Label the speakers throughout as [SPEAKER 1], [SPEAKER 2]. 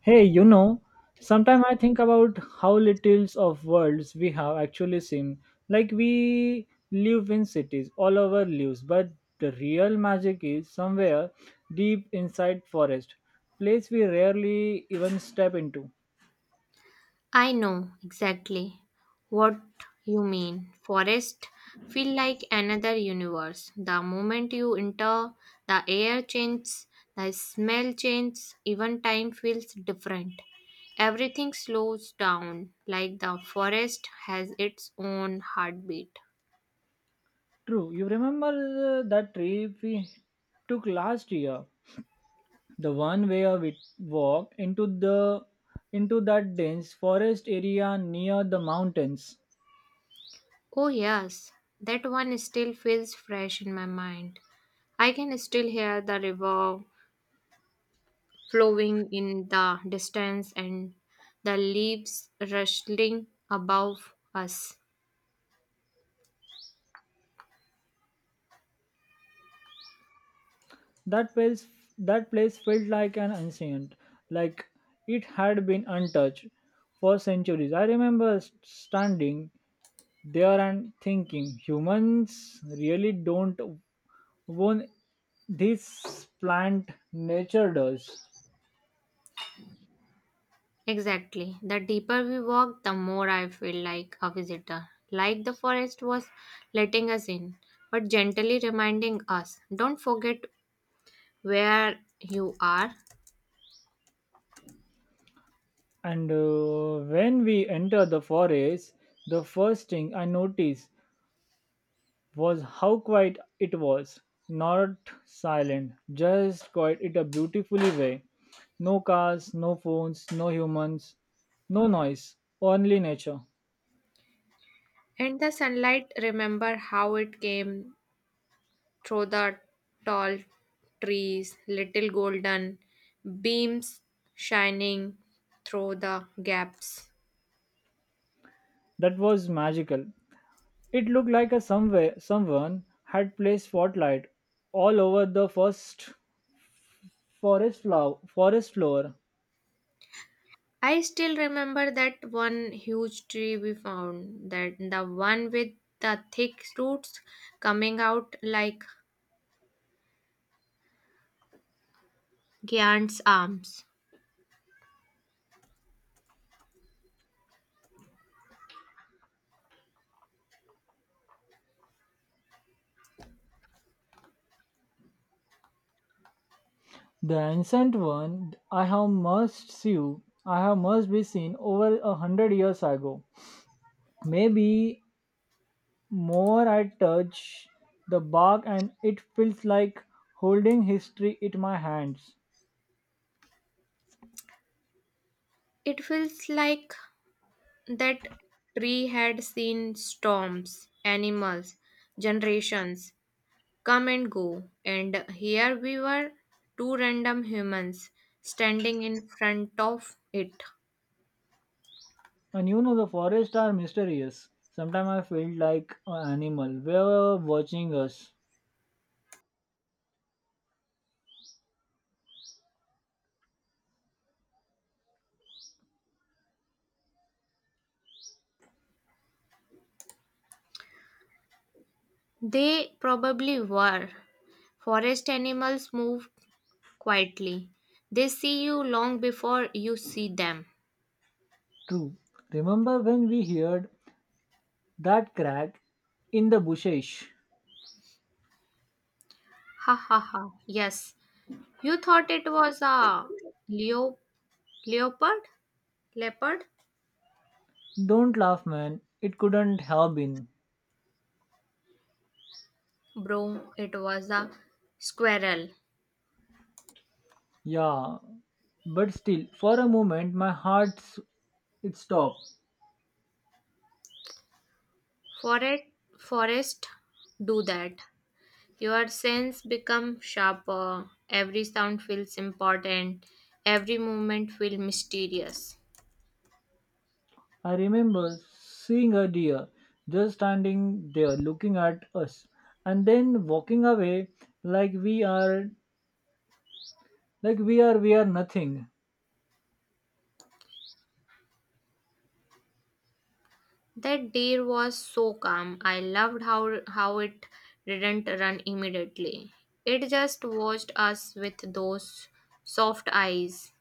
[SPEAKER 1] Hey, you know, sometimes I think about how little of worlds we have actually seen. Like we live in cities, all over lives, but the real magic is somewhere deep inside forest, place we rarely even step into.
[SPEAKER 2] I know exactly what you mean. Forest feel like another universe. The moment you enter, the air changes, the smell changes, even time feels different. Everything slows down, like the forest has its own heartbeat.
[SPEAKER 1] True, you remember that trip we took last year, the one where we walked into the into that dense forest area near the mountains.
[SPEAKER 2] Oh, yes, that one still feels fresh in my mind. I can still hear the river flowing in the distance and the leaves rustling above us.
[SPEAKER 1] That place, that place felt like an ancient, like it had been untouched for centuries. I remember standing there and thinking, humans really don't own this plant. Nature does.
[SPEAKER 2] Exactly. The deeper we walk, the more I feel like a visitor. Like the forest was letting us in, but gently reminding us don't forget where you are.
[SPEAKER 1] And when we enter the forest, the first thing I notice was how quiet it was. Not silent, just quiet in a beautifully way. No cars, no phones, no humans, no noise, only nature.
[SPEAKER 2] And the sunlight, remember how it came through the tall trees, little golden beams shining through the gaps.
[SPEAKER 1] That was magical. It looked like a somewhere someone had placed spotlight all over the forest floor.
[SPEAKER 2] I still remember that one huge tree we found, that the one with the thick roots coming out like giant's arms.
[SPEAKER 1] The ancient one I have must see you. I have must be seen over a hundred years ago. Maybe More I touch the bark and it feels like holding history in my hands.
[SPEAKER 2] It feels like that tree had seen storms, animals, generations come and go, and here we were, two random humans standing in front of it.
[SPEAKER 1] And you know the forests are mysterious. Sometimes I feel like an animal. Were watching us.
[SPEAKER 2] They probably were. Forest animals move quietly. They see you long before you see them.
[SPEAKER 1] True. Remember when we heard that crack in the bushes?
[SPEAKER 2] Ha ha ha. Yes. You thought it was a leo leopard? Leopard?
[SPEAKER 1] Don't laugh, man. It couldn't have been.
[SPEAKER 2] Bro, it was a squirrel.
[SPEAKER 1] Yeah, but still, for a moment, my it stopped.
[SPEAKER 2] Forest forest do that. Your sense become sharper. Every sound feels important. Every movement feels mysterious.
[SPEAKER 1] I remember seeing a deer just standing there looking at us and then walking away like we are like we are nothing.
[SPEAKER 2] That day was so calm. I loved how it didn't run immediately. It just watched us with those soft eyes.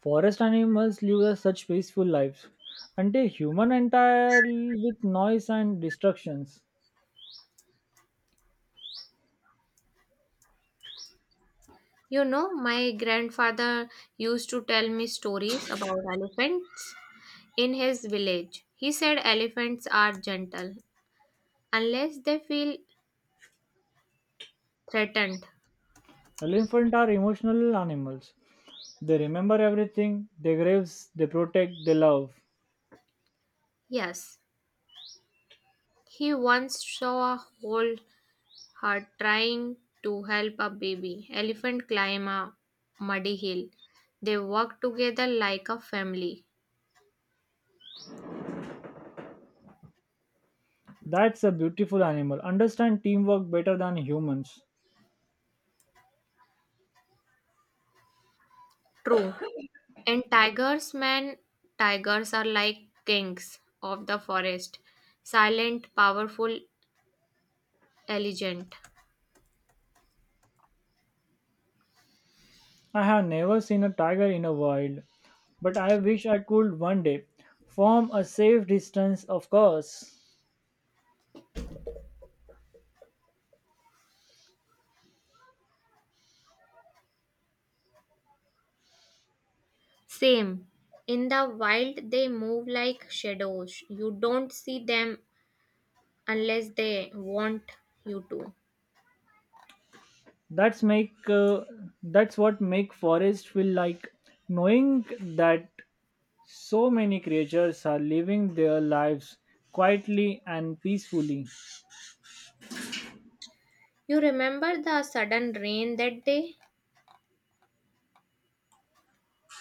[SPEAKER 1] Forest animals live a such peaceful lives and a human entire with noise and destructions.
[SPEAKER 2] You know, my grandfather used to tell me stories about elephants in his village. He said elephants are gentle unless they feel threatened.
[SPEAKER 1] Elephants are emotional animals. They remember everything, they graves, they protect, they love.
[SPEAKER 2] Yes, he once saw a whole her trying to help a baby elephant climb a muddy hill. They work together like a family.
[SPEAKER 1] That's a beautiful animal. Understand teamwork better than humans.
[SPEAKER 2] True. And tigers, man, tigers are like kings of the forest, silent, powerful, elegant.
[SPEAKER 1] I have never seen a tiger in a wild, but I wish I could one day. From a safe distance, of course.
[SPEAKER 2] Same. In the wild, they move like shadows. You don't see them unless they want you to.
[SPEAKER 1] That's make uh, that's what make forest feel like knowing that so many creatures are living their lives quietly and peacefully.
[SPEAKER 2] You remember the sudden rain that day?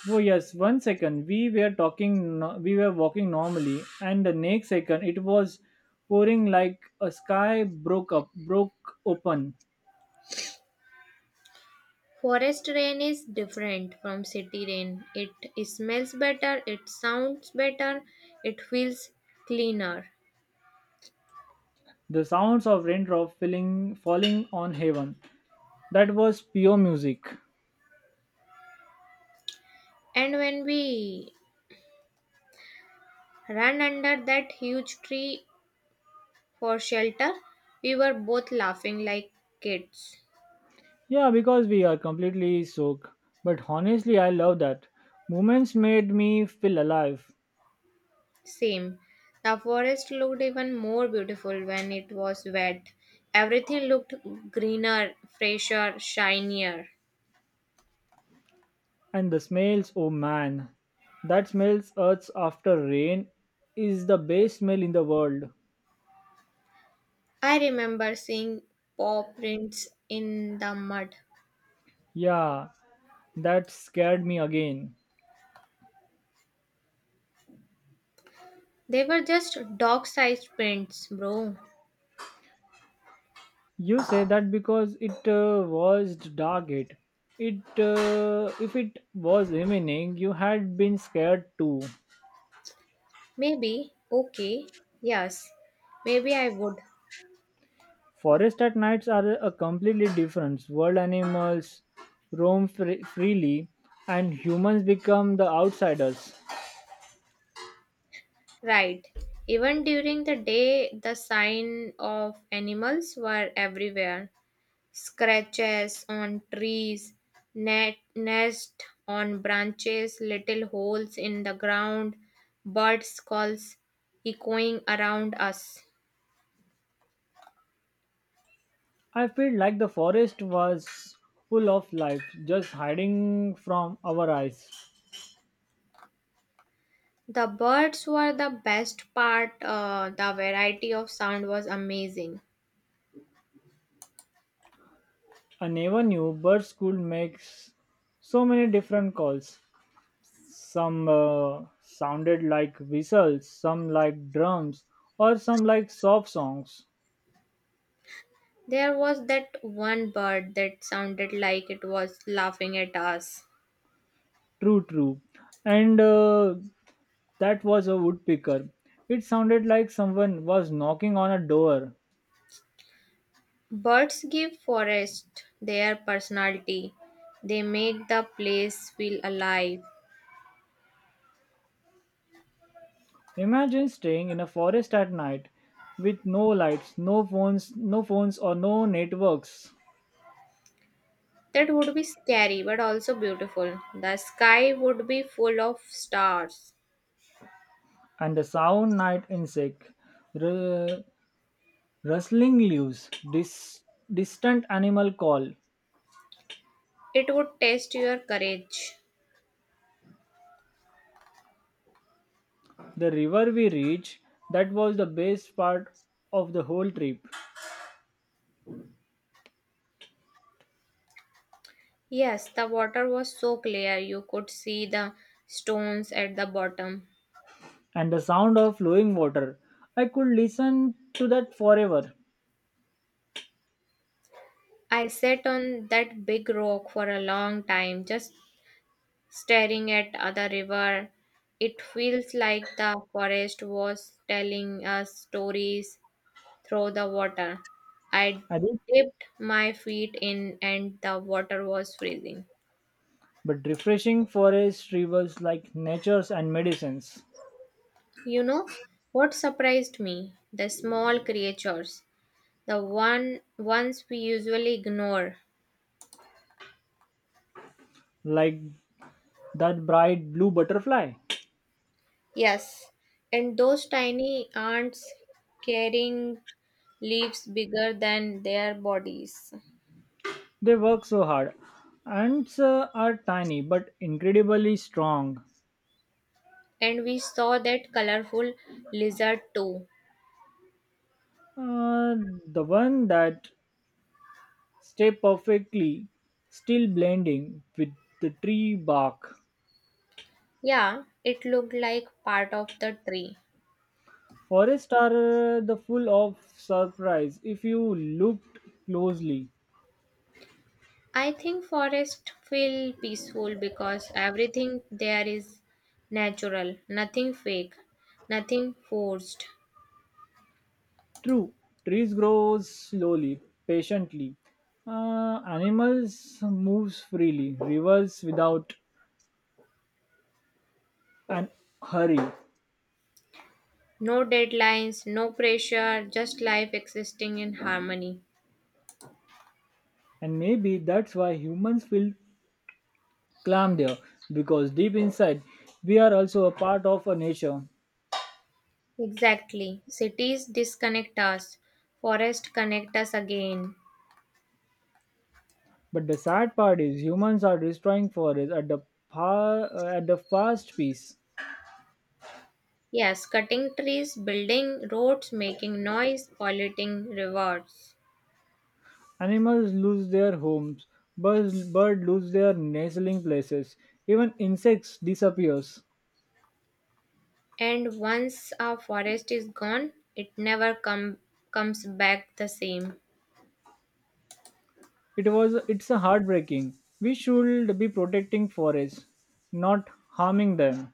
[SPEAKER 1] Oh yes, one second we were talking, no- we were walking normally, and the next second it was pouring like a sky broke open.
[SPEAKER 2] Forest rain is different from city rain. It smells better, it sounds better, it feels cleaner.
[SPEAKER 1] The sounds of raindrop filling, falling on heaven. That was pure music.
[SPEAKER 2] And when we ran under that huge tree for shelter, we were both laughing like kids.
[SPEAKER 1] Yeah, because we are completely soaked. But honestly, I love that. Moments made me feel alive.
[SPEAKER 2] Same. The forest looked even more beautiful when it was wet. Everything looked greener, fresher, shinier.
[SPEAKER 1] And the smells, oh man, that smells earth after rain is the best smell in the world.
[SPEAKER 2] I remember seeing paw prints in the mud.
[SPEAKER 1] Yeah, that scared me again.
[SPEAKER 2] They were just dog sized prints, bro.
[SPEAKER 1] You say that because it was dark. It if it was evening, you had been scared too.
[SPEAKER 2] Maybe, okay, yes, maybe I would.
[SPEAKER 1] Forest at nights are a completely different world. Animals roam freely, and humans become the outsiders.
[SPEAKER 2] Right. Even during the day, the sign of animals were everywhere, scratches on trees, nest on branches, little holes in the ground, birds' calls echoing around us.
[SPEAKER 1] I feel like the forest was full of life, just hiding from our eyes.
[SPEAKER 2] The birds were the best part, the variety of sound was amazing.
[SPEAKER 1] I never knew bird school makes so many different calls. Some sounded like whistles, some like drums, or some like soft songs.
[SPEAKER 2] There was that one bird that sounded like it was laughing at us.
[SPEAKER 1] True. And That was a woodpecker. It sounded like someone was knocking on a door.
[SPEAKER 2] Birds give forest their personality. They make the place feel alive.
[SPEAKER 1] Imagine staying in a forest at night with no lights, no phones or no networks,
[SPEAKER 2] That would be scary but also beautiful. The sky would be full of stars.
[SPEAKER 1] and the sound night insect, r- rustling leaves, distant animal call.
[SPEAKER 2] It would test your courage.
[SPEAKER 1] The river we reached, that was the best part of the whole trip,
[SPEAKER 2] Yes, the water was so clear you could see the stones at the bottom.
[SPEAKER 1] and the sound of flowing water. I could listen to that forever.
[SPEAKER 2] I sat on that big rock for a long time just staring at the river. It feels like the forest was telling us stories through the water. I
[SPEAKER 1] I did
[SPEAKER 2] dipped my feet in and the water was freezing.
[SPEAKER 1] but refreshing forest rivers like nature's and medicines
[SPEAKER 2] You know what surprised me? The small creatures, the ones we usually ignore.
[SPEAKER 1] like that bright blue butterfly
[SPEAKER 2] Yes, and those tiny ants carrying leaves bigger than their bodies.
[SPEAKER 1] they work so hard ants are tiny but incredibly strong.
[SPEAKER 2] And we saw that colorful lizard too.
[SPEAKER 1] Uh, the one that stay perfectly still blending with the tree bark
[SPEAKER 2] Yeah, it looked like part of the tree.
[SPEAKER 1] forests are the full of surprise if you looked closely.
[SPEAKER 2] I think forests feel peaceful because everything there is natural, nothing fake, nothing forced.
[SPEAKER 1] True, trees grow slowly, patiently. Animals moves freely, rivers without an hurry,
[SPEAKER 2] No deadlines, no pressure, just life existing in harmony.
[SPEAKER 1] and maybe that's why humans feel calm there because deep inside we are also a part of a nature.
[SPEAKER 2] Exactly. Cities disconnect us, forests connect us again.
[SPEAKER 1] But the sad part is humans are destroying forests at the at the fast pace.
[SPEAKER 2] Yes, cutting trees, building roads, making noise, polluting rivers.
[SPEAKER 1] Animals lose their homes, bird lose their nestling places, even insects disappears.
[SPEAKER 2] And once a forest is gone, it never come, comes back the same.
[SPEAKER 1] It's a heartbreaking. We should be protecting forests, not harming them.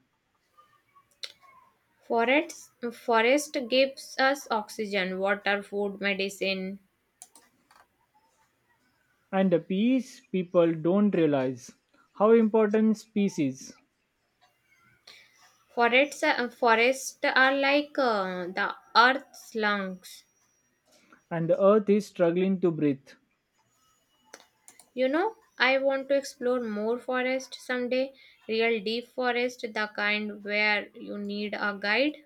[SPEAKER 2] Forests, forest gives us oxygen, water, food, medicine.
[SPEAKER 1] And the peace people don't realize how important species
[SPEAKER 2] Forests, forests are like the earth's lungs.
[SPEAKER 1] and the earth is struggling to breathe.
[SPEAKER 2] You know, I want to explore more forest someday. Real deep forest, the kind where you need a guide.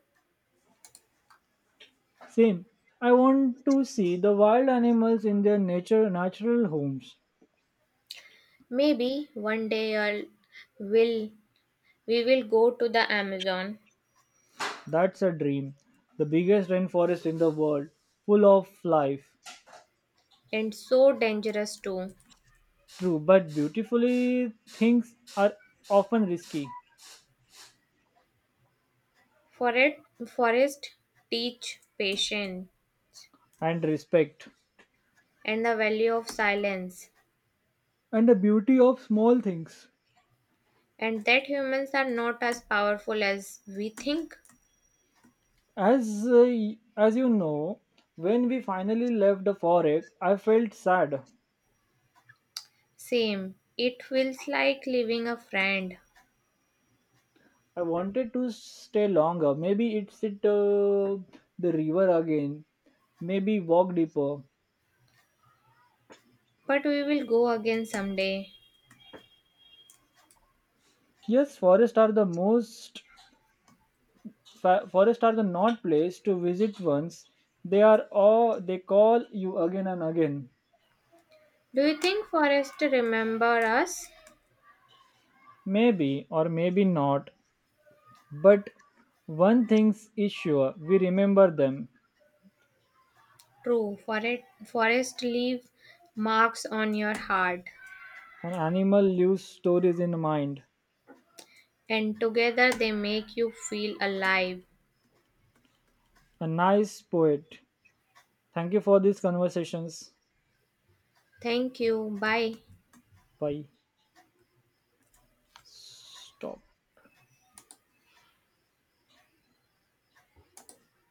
[SPEAKER 1] Same. I want to see the wild animals in their nature natural homes.
[SPEAKER 2] Maybe one day I'll will we will go to the Amazon
[SPEAKER 1] That's a dream. The biggest rainforest in the world, full of life.
[SPEAKER 2] and so dangerous too.
[SPEAKER 1] True, but beautifully things are often risky
[SPEAKER 2] For it forest teach patience
[SPEAKER 1] and respect.
[SPEAKER 2] and the value of silence
[SPEAKER 1] And the beauty of small things
[SPEAKER 2] and that humans are not as powerful as we think.
[SPEAKER 1] as as you know when we finally left the forest I felt sad
[SPEAKER 2] Same. It feels like leaving a friend.
[SPEAKER 1] I wanted to stay longer maybe it's it the river again maybe walk deeper
[SPEAKER 2] But we will go again someday.
[SPEAKER 1] yes forests are the most forests are the not place to visit once they are all they call you again and again
[SPEAKER 2] Do you think forest remember us?
[SPEAKER 1] maybe or maybe not but one thing is sure we remember them.
[SPEAKER 2] True, forest leave marks on your heart.
[SPEAKER 1] An animal leaves stories in mind.
[SPEAKER 2] And together they make you feel alive.
[SPEAKER 1] A nice poet. Thank you for these conversations.
[SPEAKER 2] Thank you. Bye.
[SPEAKER 1] Bye. Stop.